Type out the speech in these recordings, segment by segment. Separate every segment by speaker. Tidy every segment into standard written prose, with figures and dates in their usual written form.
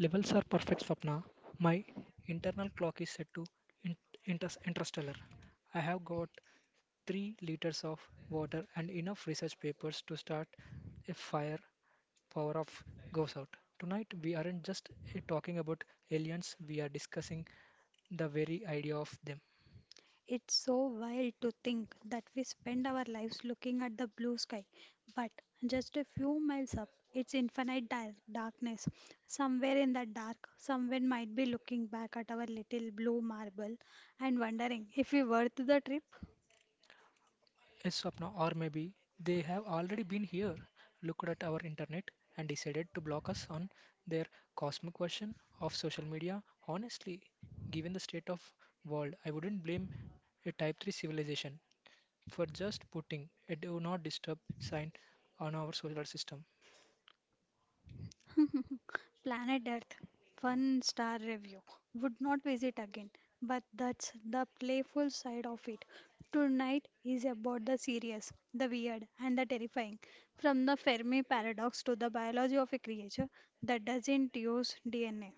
Speaker 1: Levels are perfect, Swapna. My internal clock is set to in- interstellar. I have got 3 liters of water and enough research papers to start a fire. Power of goes out. Tonight, we aren't just talking about aliens, we are discussing the very idea of them.
Speaker 2: It's so wild to think that we spend our lives looking at the blue sky, but just a few miles up, it's infinite darkness. Somewhere in that dark, someone might be looking back at our little blue marble and wondering if we worth the trip.
Speaker 1: Yes, Swapna, or maybe they have already been here, looked at our internet, and decided to block us on their cosmic version of social media. Honestly, given the state of world, I wouldn't blame a type 3 civilization for just putting a do not disturb sign on our solar system.
Speaker 2: Planet Earth, one star review. Would not visit again, but that's the playful side of it. Tonight is about the serious, the weird, and the terrifying. From the Fermi paradox to the biology of a creature that doesn't use DNA.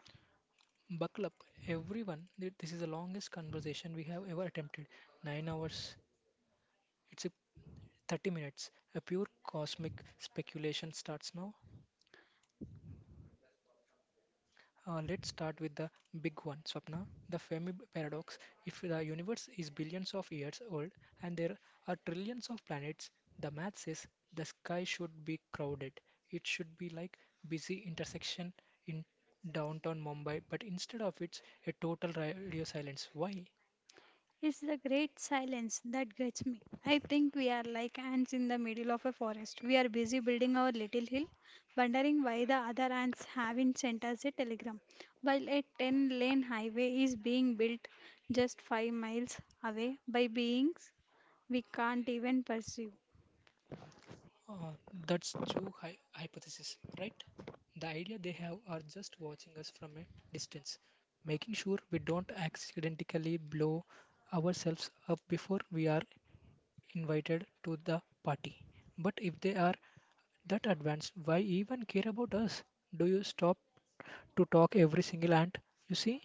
Speaker 1: Buckle up, everyone. This is the longest conversation we have ever attempted. 9 hours. It's a 30 minutes. A pure cosmic speculation starts now. Let's start with the big one, Swapna, the Fermi paradox. If the universe is billions of years old and there are trillions of planets, the math says the sky should be crowded. It should be like busy intersection in downtown Mumbai, but instead of it's a total radio silence. Why?
Speaker 2: It's the great silence that gets me. I think we are like ants in the middle of a forest. We are busy building our little hill, wondering why the other ants haven't sent us a telegram, while a 10-lane highway is being built just 5 miles away by beings we can't even perceive.
Speaker 1: Uh, that's Zhu hypothesis, right? The idea they have are just watching us from a distance, making sure we don't accidentally blow ourselves up before we are invited to the party. But if they are that advanced, why even care about us? Do you stop to talk every single ant you see?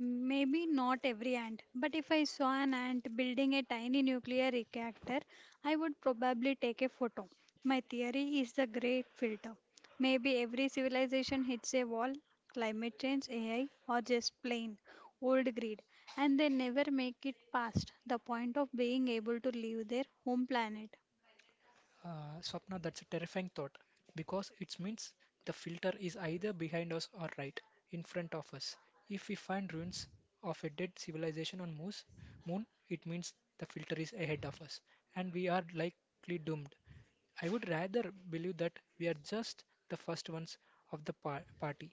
Speaker 2: Maybe not every ant, but if I saw an ant building a tiny nuclear reactor, I would probably take a photo. My theory is the great filter. Maybe every civilization hits a wall, climate change, AI, or just plain old greed, and they never make it past the point of being able to leave their home planet.
Speaker 1: Swapna, that's a terrifying thought because it means the filter is either behind us or right in front of us. If we find ruins of a dead civilization on moon, it means the filter is ahead of us and we are likely doomed. I would rather believe that we are just the first ones of the party.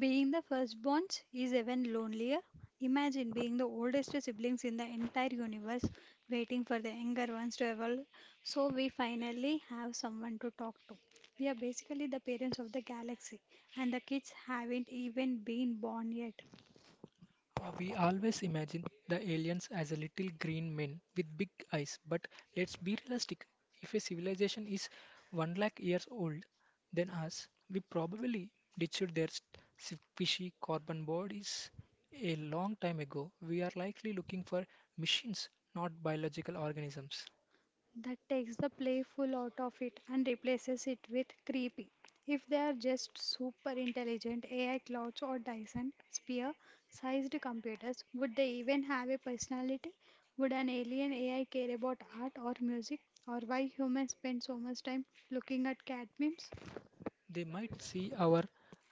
Speaker 2: Being the firstborns is even lonelier. Imagine being the oldest siblings in the entire universe, waiting for the younger ones to evolve so we finally have someone to talk to. We are basically the parents of the galaxy, and the kids haven't even been born yet.
Speaker 1: We always imagine the aliens as a little green men with big eyes, but let's be realistic. If a civilization is 1 lakh years old than us, we probably ditched their fishy carbon bodies a long time ago. We are likely looking for machines, not biological organisms.
Speaker 2: That takes the playful out of it and replaces it with creepy. If they are just super intelligent AI clouds or Dyson sphere sized computers, would they even have a personality? Would an alien AI care about art or music or why humans spend so much time looking at cat memes?
Speaker 1: They might see our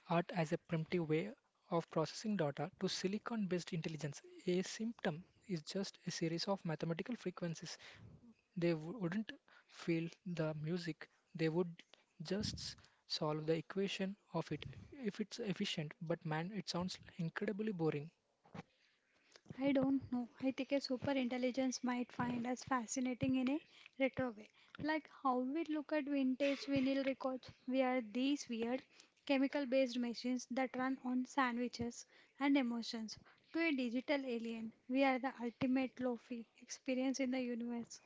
Speaker 1: art as a primitive way of processing data to silicon based intelligence. A symptom is just a series of mathematical frequencies. They wouldn't feel the music, they would just solve the equation of it if it's efficient. But man, it sounds incredibly boring.
Speaker 2: I don't know. I think a super intelligence might find us fascinating in a retro way. Like how we look at vintage vinyl records. We are these weird chemical based machines that run on sandwiches and emotions. To a digital alien, we are the ultimate lofi experience in the universe.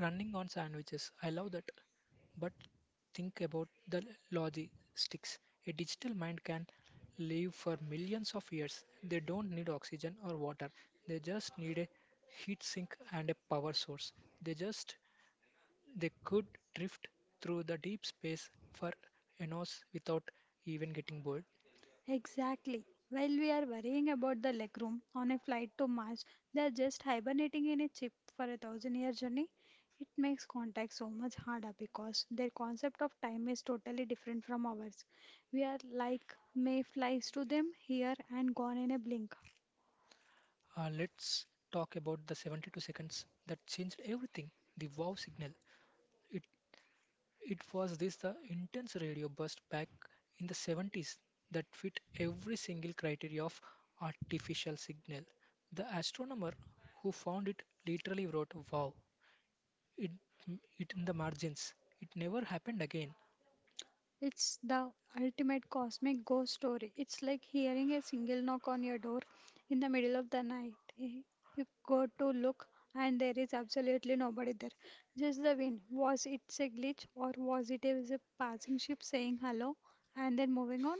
Speaker 1: Running on sandwiches, I love that. But think about the logistics. A digital mind can live for millions of years. They don't need oxygen or water. They just need a heat sink and a power source. They just They could drift through the deep space for eons without even getting bored.
Speaker 2: Exactly. While we are worrying about the legroom on a flight to Mars, they are just hibernating in a chip for a thousand year journey. It makes contact so much harder because their concept of time is totally different from ours. We are like mayflies to them, here and gone in a blink.
Speaker 1: Let's talk about the 72 seconds that changed everything, the wow signal. It, it was this the intense radio burst back in the 70s that fit every single criteria of artificial signal. The astronomer who found it literally wrote wow it, it in the margins. It never happened again.
Speaker 2: It's the ultimate cosmic ghost story. It's like hearing a single knock on your door in the middle of the night. You go to look, and there is absolutely nobody there. Just the wind. Was it a glitch, or was a passing ship saying hello and then moving on?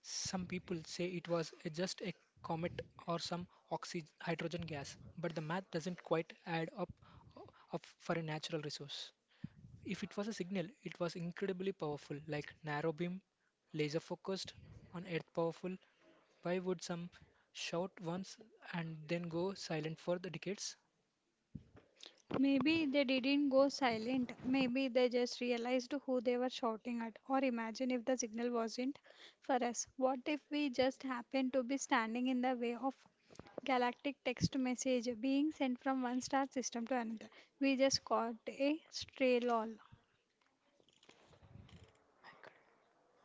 Speaker 1: Some people say it was just a comet or some oxy hydrogen gas, but the math doesn't quite add up, uh, up for a natural resource. If it was a signal, it was incredibly powerful, like narrow beam, laser focused, on Earth powerful. Why would some shout once and then go silent for the decades?
Speaker 2: Maybe they didn't go silent. Maybe they just realized who they were shouting at. Or imagine if the signal wasn't for us. What if we just happened to be standing in the way of galactic text message being sent from one star system to another? We just caught a stray lol.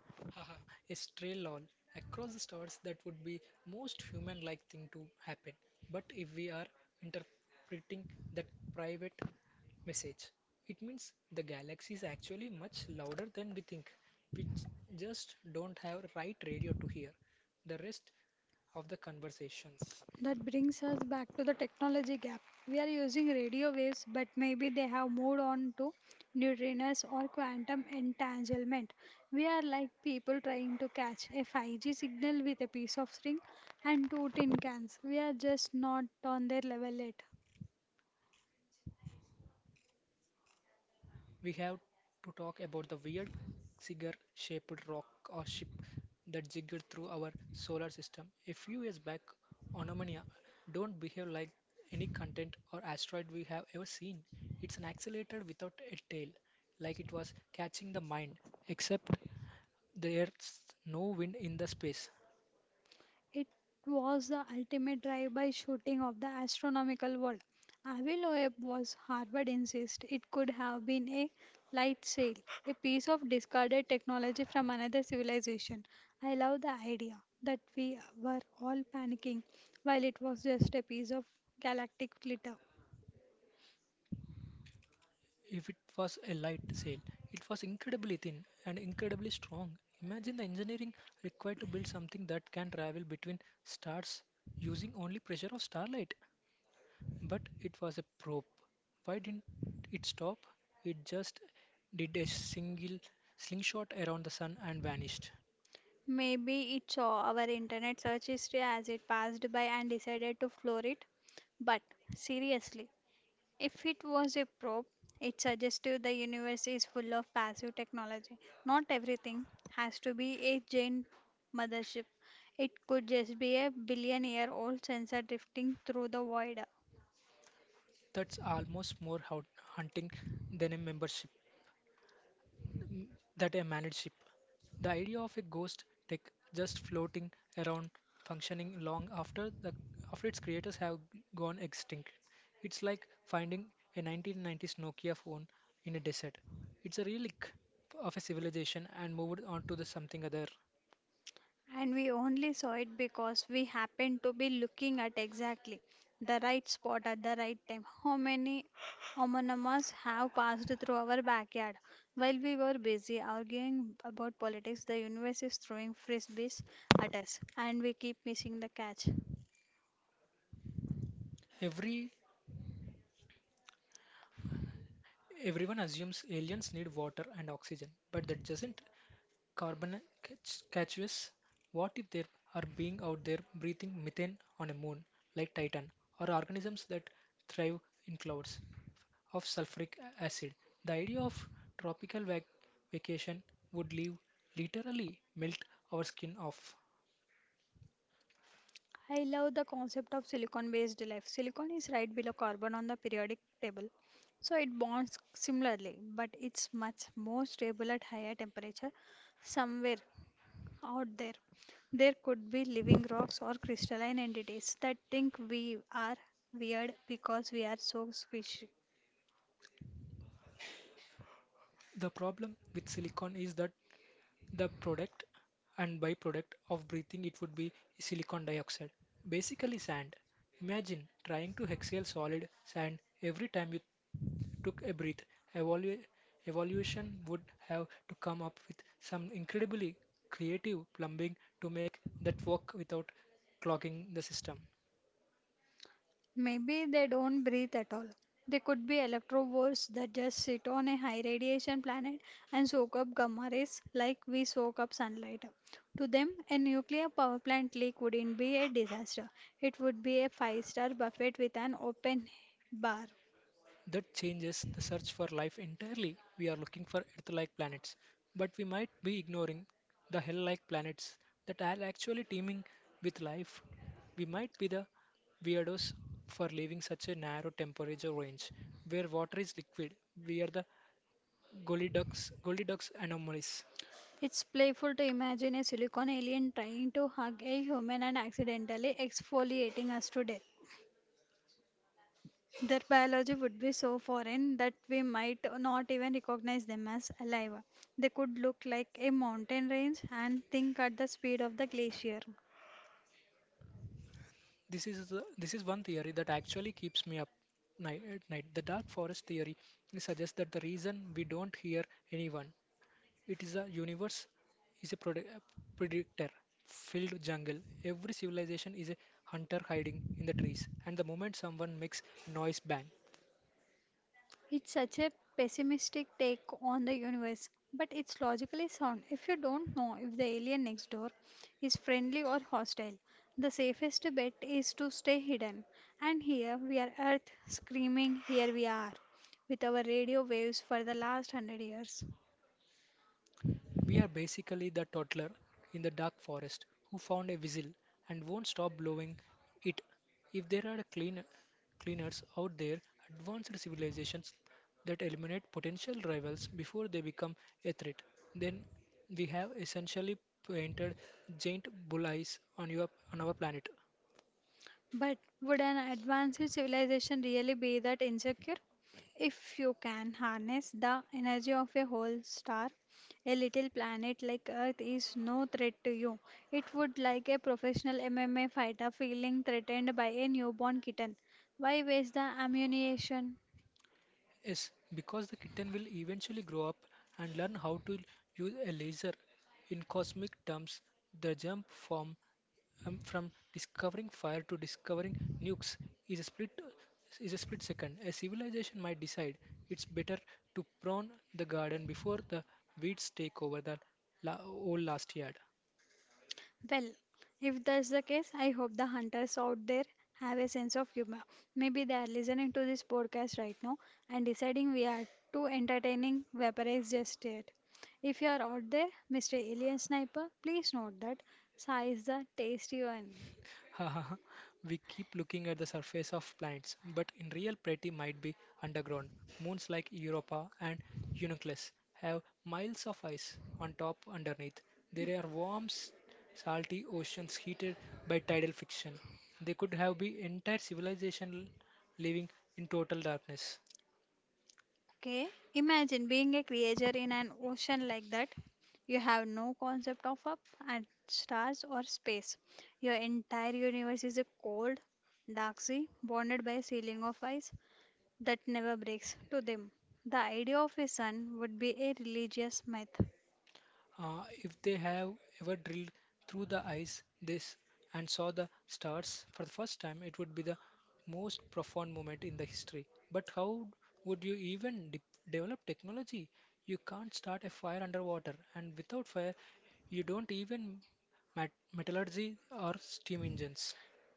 Speaker 1: A stray lol across the stars that would be most human like thing to happen, but if we are interpreting that private message, it means the galaxy is actually much louder than we think. We just don't have right radio to hear the rest of the conversations.
Speaker 2: That brings us back to the technology gap. We are using radio waves, but maybe they have moved on to neutrinos or quantum entanglement. We are like people trying to catch a 5G signal with a piece of string and two tin cans. We are just not on their level yet.
Speaker 1: We have to talk about the weird cigar-shaped rock or ship that jiggled through our solar system. A few years back, Onomania don't behave like any content or asteroid we have ever seen. It's an accelerator without a tail, like it was catching the mind, except there's no wind in the space.
Speaker 2: It was the ultimate drive-by shooting of the astronomical world. Avi Loeb was Harvard Insist it could have been a light sail, a piece of discarded technology from another civilization. I love the idea that we were all panicking while it was just a piece of galactic glitter.
Speaker 1: If it was a light sail, it was incredibly thin and incredibly strong. Imagine the engineering required to build something that can travel between stars using only pressure of starlight. But it was a probe. Why didn't it stop? It just did a single slingshot around the sun and vanished.
Speaker 2: Maybe it saw our internet search history as it passed by and decided to floor it. But seriously, if it was a probe, it suggested the universe is full of passive technology. Not everything has to be a giant mothership. It could just be a billion year old sensor drifting through the void.
Speaker 1: That's almost more hunting than a membership. That a managed ship. The idea of a ghost tech just floating around functioning long after the after its creators have gone extinct. It's like finding a 1990s Nokia phone in a desert. It's a relic of a civilization and moved on to the something other.
Speaker 2: And we only saw it because we happened to be looking at exactly the right spot at the right time. How many homonymous have passed through our backyard? While we were busy arguing about politics, the universe is throwing frisbees at us, and we keep missing the catch.
Speaker 1: Every everyone assumes aliens need water and oxygen, but that doesn't Carboncacuous: What if there are beings out there breathing methane on a moon like Titan, or organisms that thrive in clouds of sulfuric acid? The idea of tropical vacation would leave literally melt our skin off.
Speaker 2: I love the concept of silicon based life. Silicon is right below carbon on the periodic table. So it bonds similarly, but it's much more stable at higher temperature somewhere out there. There could be living rocks or crystalline entities that think we are weird because we are so squishy.
Speaker 1: The problem with silicon is that the product and byproduct of breathing it would be silicon dioxide, basically sand. Imagine trying to exhale solid sand every time you took a breath. Evalu- Evolution would have to come up with some incredibly creative plumbing to make that work without clogging the system.
Speaker 2: Maybe they don't breathe at all. They could be electrovores that just sit on a high radiation planet and soak up gamma rays like we soak up sunlight. To them, a nuclear power plant leak wouldn't be a disaster. It would be a five-star buffet with an open bar.
Speaker 1: That changes the search for life entirely. We are looking for Earth like planets, but we might be ignoring the hell like planets that are actually teeming with life. We might be the weirdos for leaving such a narrow temperature range where water is liquid. We are the Goldilocks anomalies.
Speaker 2: It's playful to imagine a silicon alien trying to hug a human and accidentally exfoliating us to death. Their biology would be so foreign that we might not even recognize them as alive. They could look like a mountain range and think at the speed of the glacier.
Speaker 1: This is one theory that actually keeps me up night at night. The dark forest theory suggests that the reason we don't hear anyone it is a universe is a predator filled jungle. Every civilization is a hunter hiding in the trees, and the moment someone makes a noise bang.
Speaker 2: It's such a pessimistic take on the universe, but it's logically sound. If you don't know if the alien next door is friendly or hostile, the safest bet is to stay hidden. And here we are Earth screaming, here we are, with our radio waves for the last 100 years.
Speaker 1: We are basically the toddler in the dark forest who found a whistle and won't stop blowing it. If there are cleaners out there, advanced civilizations that eliminate potential rivals before they become a threat, then we have essentially painted giant bullseyes on your on our planet.
Speaker 2: But would an advanced civilization really be that insecure? If you can harness the energy of a whole star, a little planet like Earth is no threat to you. It would like a professional MMA fighter feeling threatened by a newborn kitten. Why waste the ammunition?
Speaker 1: Yes, because the kitten will eventually grow up and learn how to use a laser. In cosmic terms, the jump from discovering fire to discovering nukes is a split is a split second. A civilization might decide it's better to prune the garden before the weeds take over the whole last yard.
Speaker 2: Well, if that's the case, I hope the hunters out there have a sense of humor. Maybe they are listening to this podcast right now and deciding we are too entertaining, Vaporized just yet. If you are out there, Mr. Alien Sniper, please note that Sai is the tasty one.
Speaker 1: We keep looking at the surface of planets, but in real pretty might be underground. Moons like Europa and Eunuchus have miles of ice on top underneath. There are warm, salty oceans heated by tidal friction. They could have been entire civilization living in total darkness.
Speaker 2: Okay? Imagine being a creature in an ocean like that. You have no concept of up and stars or space. Your entire universe is a cold, dark sea bounded by a ceiling of ice that never breaks. To them, the idea of a sun would be a religious myth.
Speaker 1: If they have ever drilled through the ice this and saw the stars for the first time, it would be the most profound moment in the history. But how would you even develop technology? You can't start a fire underwater, and without fire, you don't even metallurgy or steam engines.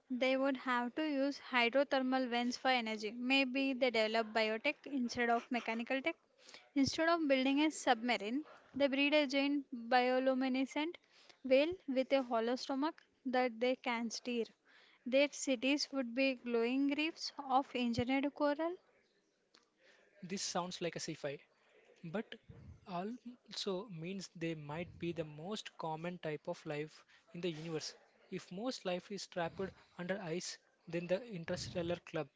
Speaker 2: They would have to use hydrothermal vents for energy. Maybe they develop biotech instead of mechanical tech. Instead of building a submarine, they breed a giant bioluminescent whale with a hollow stomach that they can steer. Their cities would be glowing reefs of engineered coral.
Speaker 1: This sounds like a sci-fi, but also means they might be the most common type of life in the universe. If most life is trapped under ice, then the interstellar club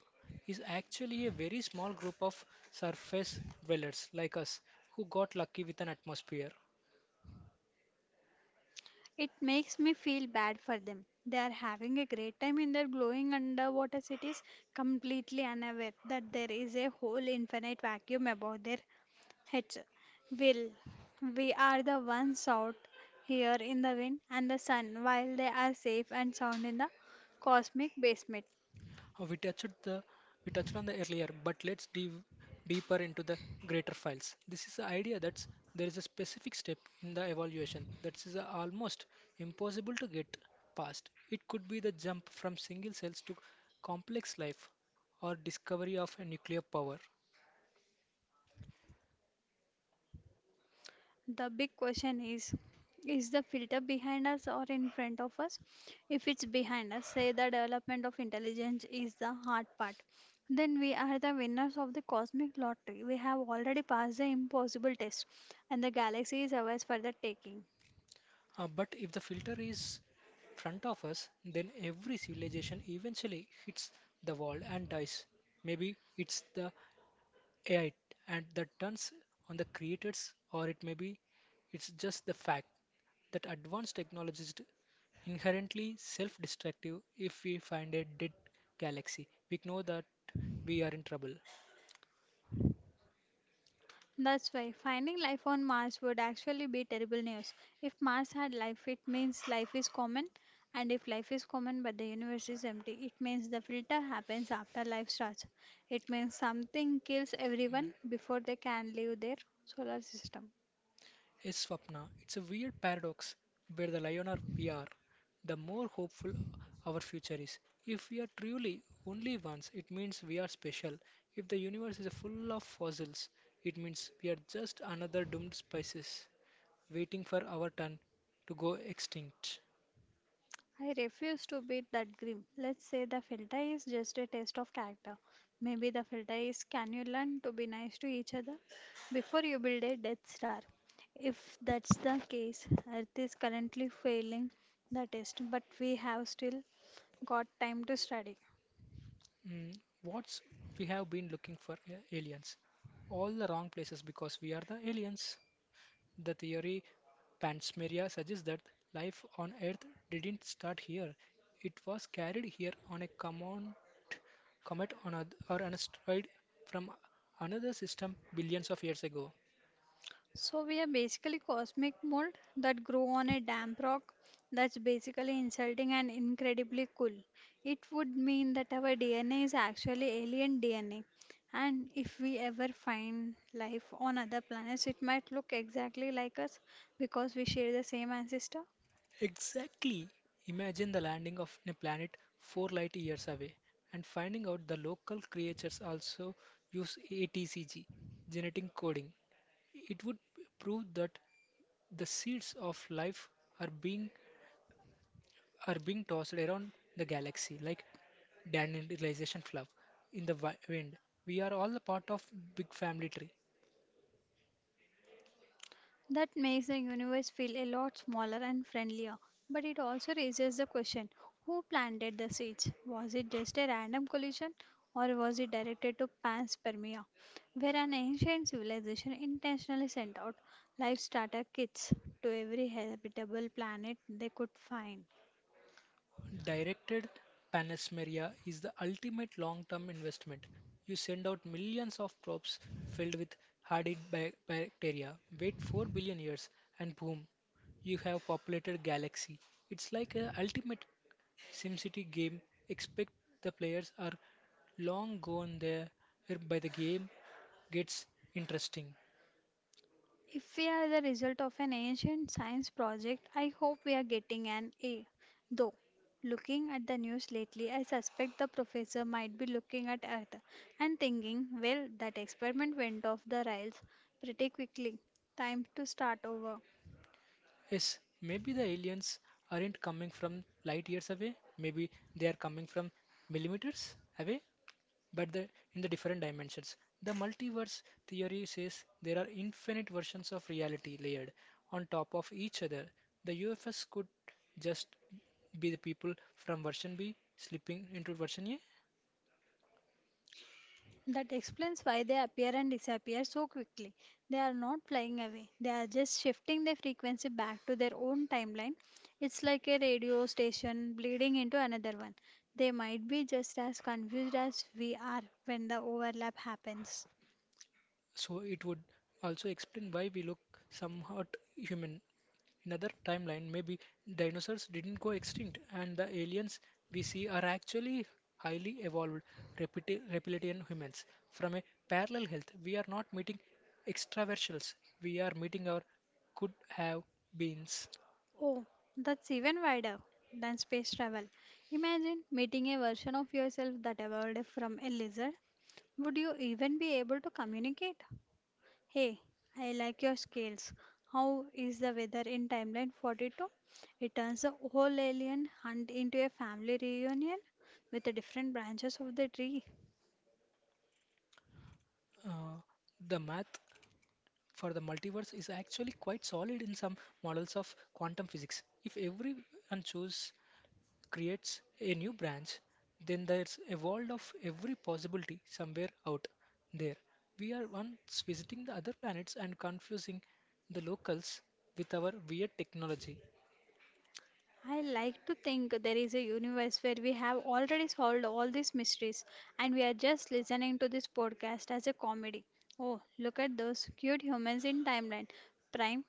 Speaker 1: is actually a very small group of surface dwellers like us who got lucky with an atmosphere.
Speaker 2: It makes me feel bad for them. They are having a great time in their glowing underwater cities, completely unaware that there is a whole infinite vacuum above their heads. Will, we are the ones out here in the wind and the sun while they are safe and sound in the cosmic basement.
Speaker 1: We touched the we touched on the earlier, but let's dive deeper into the greater files. This is the idea that there is a specific step in the evaluation that is almost impossible to get past. It could be the jump from single cells to complex life or discovery of a nuclear power.
Speaker 2: The big question is the filter behind us or in front of us? If it's behind us, say the development of intelligence is the hard part, then we are the winners of the cosmic lottery. We have already passed the impossible test, and the galaxy is ours for the taking.
Speaker 1: But if the filter is front of us, then every civilization eventually hits the wall and dies. Maybe it's the AI and that turns on the creators, or it may be it's just the fact that advanced technology is inherently self destructive. If we find a dead galaxy, we know that we are in trouble.
Speaker 2: That's why finding life on Mars would actually be terrible news. If Mars had life, it means life is common, and if life is common but the universe is empty, it means the filter happens after life starts. It means something kills everyone before they can leave their solar system.
Speaker 1: Yes, Swapna, it's a weird paradox where the lioner we are, the more hopeful our future is. If we are truly only ones, it means we are special. If the universe is full of fossils, it means we are just another doomed species, waiting for our turn to go extinct.
Speaker 2: I refuse to be that grim. Let's say the filter is just a test of character. Maybe the filter is can you learn to be nice to each other before you build a Death Star? If that's the case, Earth is currently failing the test, but we have still got time to study.
Speaker 1: Mm, what's we have been looking for aliens? All the wrong places because we are the aliens. The theory Panspermia suggests that life on Earth didn't start here. It was carried here on a common comet or an asteroid from another system billions of years ago.
Speaker 2: So we are basically cosmic mold that grow on a damp rock. That's basically insulting and incredibly cool. It would mean that our DNA is actually alien DNA. And if we ever find life on other planets, it might look exactly like us because we share the same ancestor.
Speaker 1: Exactly. Imagine the landing of a planet 4 light years away and finding out the local creatures also use ATCG, genetic coding. It would prove that the seeds of life are being are being tossed around the galaxy like dandelion fluff in the wind. We are all a part of big family tree.
Speaker 2: That makes the universe feel a lot smaller and friendlier. But it also raises the question who planted the seeds? Was it just a random collision or was it directed to panspermia, where an ancient civilization intentionally sent out life starter kits to every habitable planet they could find?
Speaker 1: Directed Panasmeria is the ultimate long-term investment. You send out millions of probes filled with bacteria, wait 4 billion years, and boom, you have populated galaxy. It's like a ultimate SimCity game, expect the players are long gone there by the game gets interesting.
Speaker 2: If we are the result of an ancient science project, I hope we are getting an A. Though, looking at the news lately, I suspect the professor might be looking at Earth and thinking, well, that experiment went off the rails pretty quickly. Time to start over.
Speaker 1: Yes, maybe the aliens aren't coming from light years away, maybe they are coming from millimeters away. but the, in the different dimensions. The multiverse theory says there are infinite versions of reality layered on top of each other. The UFS could just be the people from version B slipping into version A.
Speaker 2: That explains why they appear and disappear so quickly. They are not flying away, they are just shifting their frequency back to their own timeline. It's like a radio station bleeding into another one. They might be just as confused as we are when the overlap happens.
Speaker 1: So it would also explain why we look somewhat human. Another timeline maybe dinosaurs didn't go extinct and the aliens we see are actually highly evolved reptilian humans from a parallel health. We are not meeting extraterrestrials, we are meeting our could have beens.
Speaker 2: Oh, that's even wider than space travel. Imagine meeting a version of yourself that evolved from a lizard. Would you even be able to communicate? Hey, I like your scales. How is the weather in Timeline 42? It turns the whole alien hunt into a family reunion with the different branches of the tree.
Speaker 1: uh, the math for the multiverse is actually quite solid in some models of quantum physics. If everyone chose creates a new branch, then there's a world of every possibility somewhere out there. We are once visiting the other planets and confusing the locals with our weird technology.
Speaker 2: I like to think there is a universe where we have already solved all these mysteries, and we are just listening to this podcast as a comedy. Oh, look at those cute humans in Timeline Prime.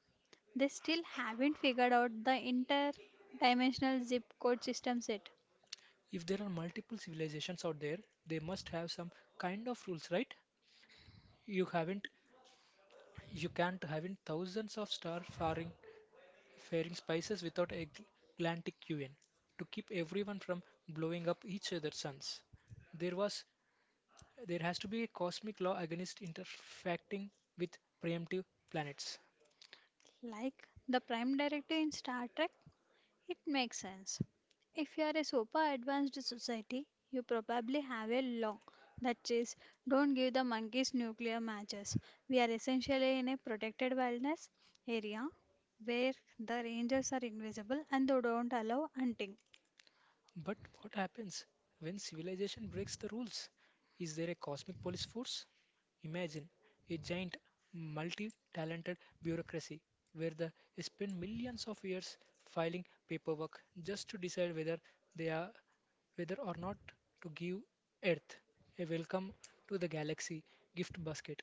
Speaker 2: They still haven't figured out the interdimensional zip code systems yet.
Speaker 1: If there are multiple civilizations out there, they must have some kind of rules, right? You haven't, you can't have in thousands of faring spices without a galactic UN to keep everyone from blowing up each other's suns. There was There has to be a cosmic law against interacting with preemptive planets.
Speaker 2: Like the Prime Directive in Star Trek, it makes sense. If you are a super advanced society, you probably have a law that says don't give the monkeys nuclear matches. We are essentially in a protected wilderness area where the rangers are invisible and they don't allow hunting.
Speaker 1: But what happens when civilization breaks the rules? Is there a cosmic police force? Imagine a giant, multi talented bureaucracy where they spend millions of years filing paperwork just to decide whether they are whether or not to give Earth a welcome to the galaxy gift basket.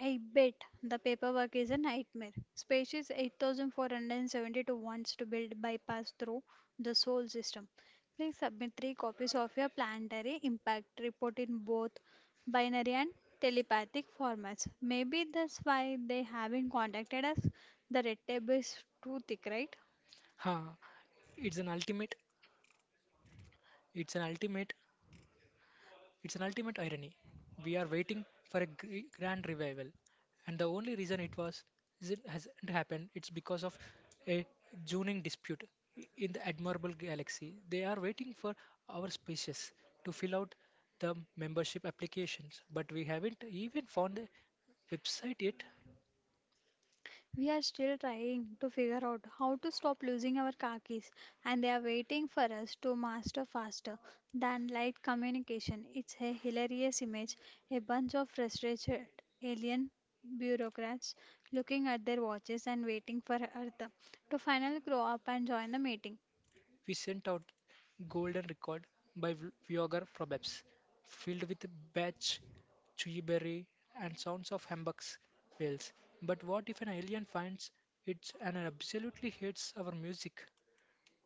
Speaker 2: I bet the paperwork is a nightmare. Species 8472 wants to build bypass through the solar system. Please submit three copies of your planetary impact report in both binary and telepathic formats. Maybe that's why they haven't contacted us. The red tape is too thick, right?
Speaker 1: Ha! It's an ultimate. It's an ultimate It's an ultimate irony. We are waiting for a grand revival, and the only reason it was is it hasn't happened. It's because of a zoning dispute in the admirable galaxy. They are waiting for our species to fill out the membership applications, but we haven't even found a website yet.
Speaker 2: We are still trying to figure out how to stop losing our car keys, and they are waiting for us to master faster than light communication. It's a hilarious image, a bunch of frustrated alien bureaucrats looking at their watches and waiting for Earth to finally grow up and join the meeting.
Speaker 1: We sent out Golden Record by V- Vlogger Probabs, filled with Batch, Chewyberry, and sounds of humbugs bells. But what if an alien finds it and absolutely hates our music?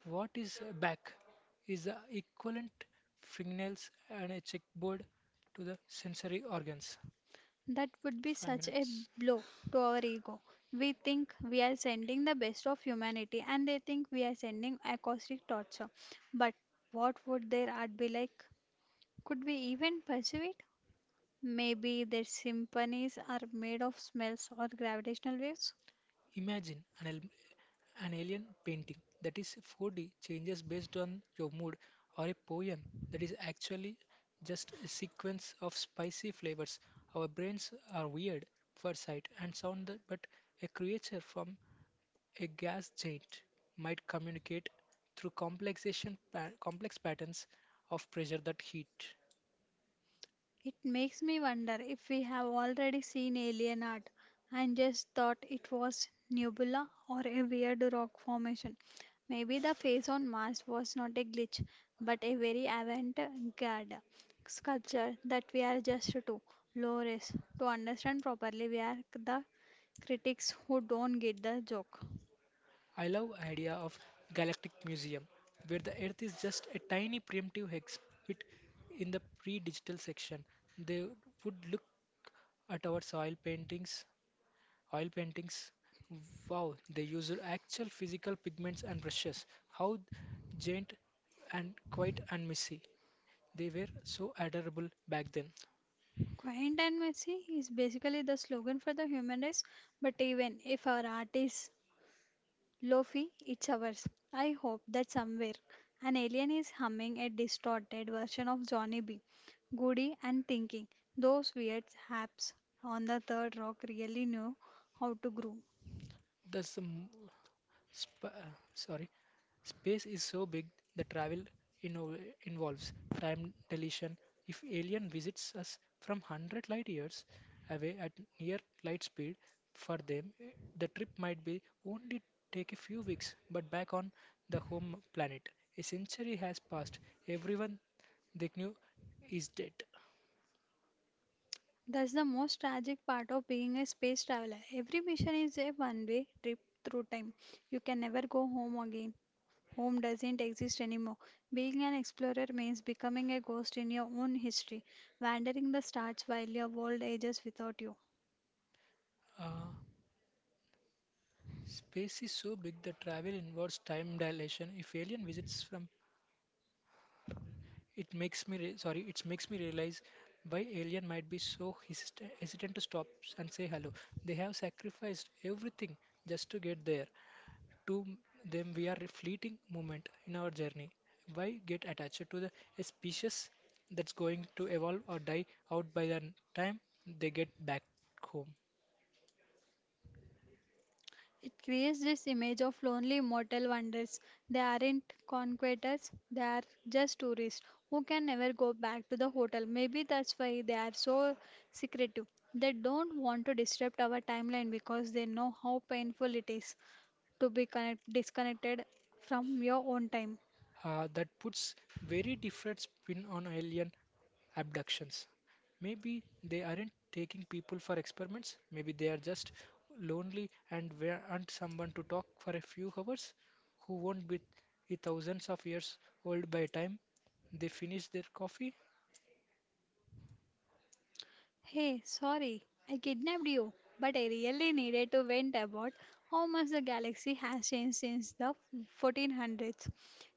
Speaker 1: What is a back? Is the equivalent fingernails and a checkboard to the sensory organs.
Speaker 2: That would be
Speaker 1: Five
Speaker 2: such a
Speaker 1: minutes.
Speaker 2: blow to our ego. We think we are sending the best of humanity, and they think we are sending acoustic torture. But what would their art be like? Could we even perceive it? Maybe their symphonies are made of smells or gravitational waves.
Speaker 1: Imagine an alien painting that is 4D changes based on your mood, or a poem that is actually just a sequence of spicy flavors. Our brains are weird for sight and sound, but a creature from a gas giant might communicate through complex patterns of pressure that heat.
Speaker 2: It makes me wonder if we have already seen alien art and just thought it was nebula or a weird rock formation. Maybe the face on Mars was not a glitch, but a very avant-garde sculpture that we are just too low res to understand properly. We are the critics who don't get the joke.
Speaker 1: I love idea of galactic museum where the earth is just a tiny primitive exhibit in the pre-digital section. They would look at our oil paintings. Wow, they used actual physical pigments and brushes. How giant and quiet and messy. They were so adorable back then.
Speaker 2: Quiet and messy is basically the slogan for the human race, but even if our art is Lofi, it's ours. I hope that somewhere an alien is humming a distorted version of Johnny B. Goody and thinking, those weird haps on the third rock really know how to groove.
Speaker 1: That's the m- Sp- sorry, Space is so big that travel inno- involves time dilation. If alien visits us from 100 light years away at near light speed, for them the trip might be only take a few weeks. But back on the home planet, a century has passed. Everyone they knew is dead.
Speaker 2: That's the most tragic part of being a space traveler. Every mission is a one way trip through time. You can never go home again. Home doesn't exist anymore. Being an explorer means becoming a ghost in your own history, wandering the stars while your world ages without you.
Speaker 1: Uh, space is so big that travel involves time dilation. If alien visits from It makes me re- sorry, It makes me realize why alien might be so hesitant to stop and say hello. They have sacrificed everything just to get there. To them, we are a fleeting moment in our journey. Why get attached to the a species that's going to evolve or die out by the time they get back home?
Speaker 2: It creates this image of lonely mortal wonders. They aren't conquerors, they are just tourists who can never go back to the hotel. Maybe that's why they are so secretive. They don't want to disrupt our timeline because they know how painful it is to be disconnected from your own time.
Speaker 1: That puts very different spin on alien abductions. Maybe they aren't taking people for experiments. Maybe they are just lonely and want someone to talk for a few hours who won't be a thousands of years old by the time they finish their coffee.
Speaker 2: Hey, sorry, I kidnapped you, but I really needed to vent about how much the galaxy has changed since the 1400s.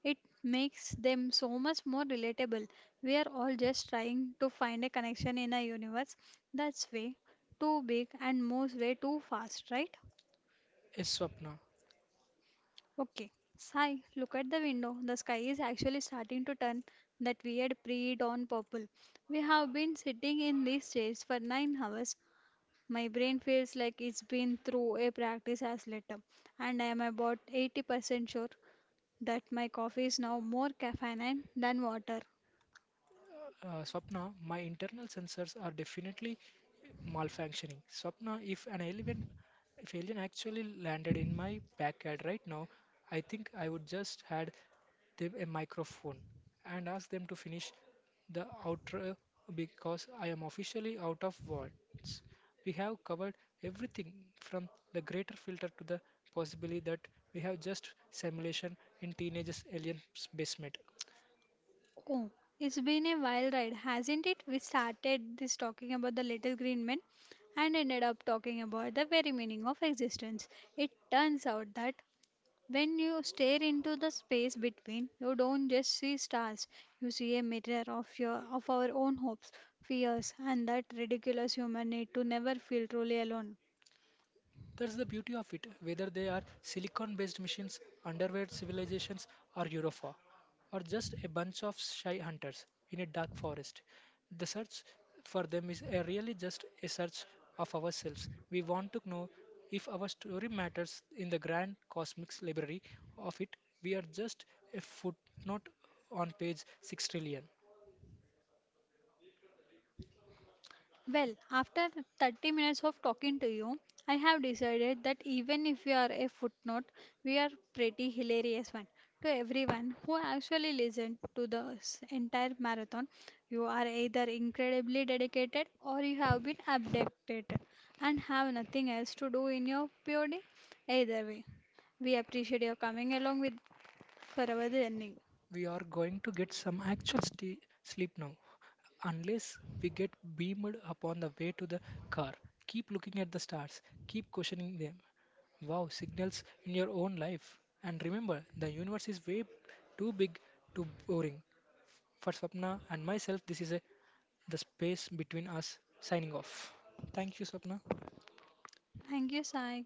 Speaker 2: It makes them so much more relatable. We are all just trying to find a connection in a universe that's way too big and moves way too fast, right?
Speaker 1: A swapna.
Speaker 2: Okay, Sai, look at the window. The sky is actually starting to turn that weird pre dawn purple. We have been sitting in these chairs for 9 hours. My brain feels like it's been through a practice as letter, and I am about 80% sure that my coffee is now more caffeine than water.
Speaker 1: Swapna, my internal sensors are definitely malfunctioning. Swapna, if alien actually landed in my backyard right now, I think I would just had them a microphone and ask them to finish the outro because I am officially out of words. We have covered everything from the greater filter to the possibility that we have just simulation in teenagers' alien basement.
Speaker 2: Oh, it's been a wild ride, hasn't it? We started this talking about the little green men and ended up talking about the very meaning of existence. It turns out that when you stare into the space between, you don't just see stars, you see a mirror of your of our own hopes, fears, and that ridiculous human need to never feel truly alone.
Speaker 1: That's the beauty of it, whether they are silicon based machines, underwear civilizations, or Europa, or just a bunch of shy hunters in a dark forest. The search for them is a really just a search of ourselves. We want to know if our story matters in the grand cosmic library of it. We are just a footnote on page 6 trillion.
Speaker 2: Well, after 30 minutes of talking to you, I have decided that even if we are a footnote, we are pretty hilarious one. To everyone who actually listened to the entire marathon, you are either incredibly dedicated or you have been abducted and have nothing else to do in your POD. Either way, we appreciate your coming along with for our journey.
Speaker 1: We are going to get some actual sleep now, unless we get beamed up on the way to the car. Keep looking at the stars, keep questioning them. Wow, signals in your own life. And remember, the universe is way too big, too boring. For Swapna and myself, the space between us signing off. Thank you, Swapna.
Speaker 2: Thank you, Sai.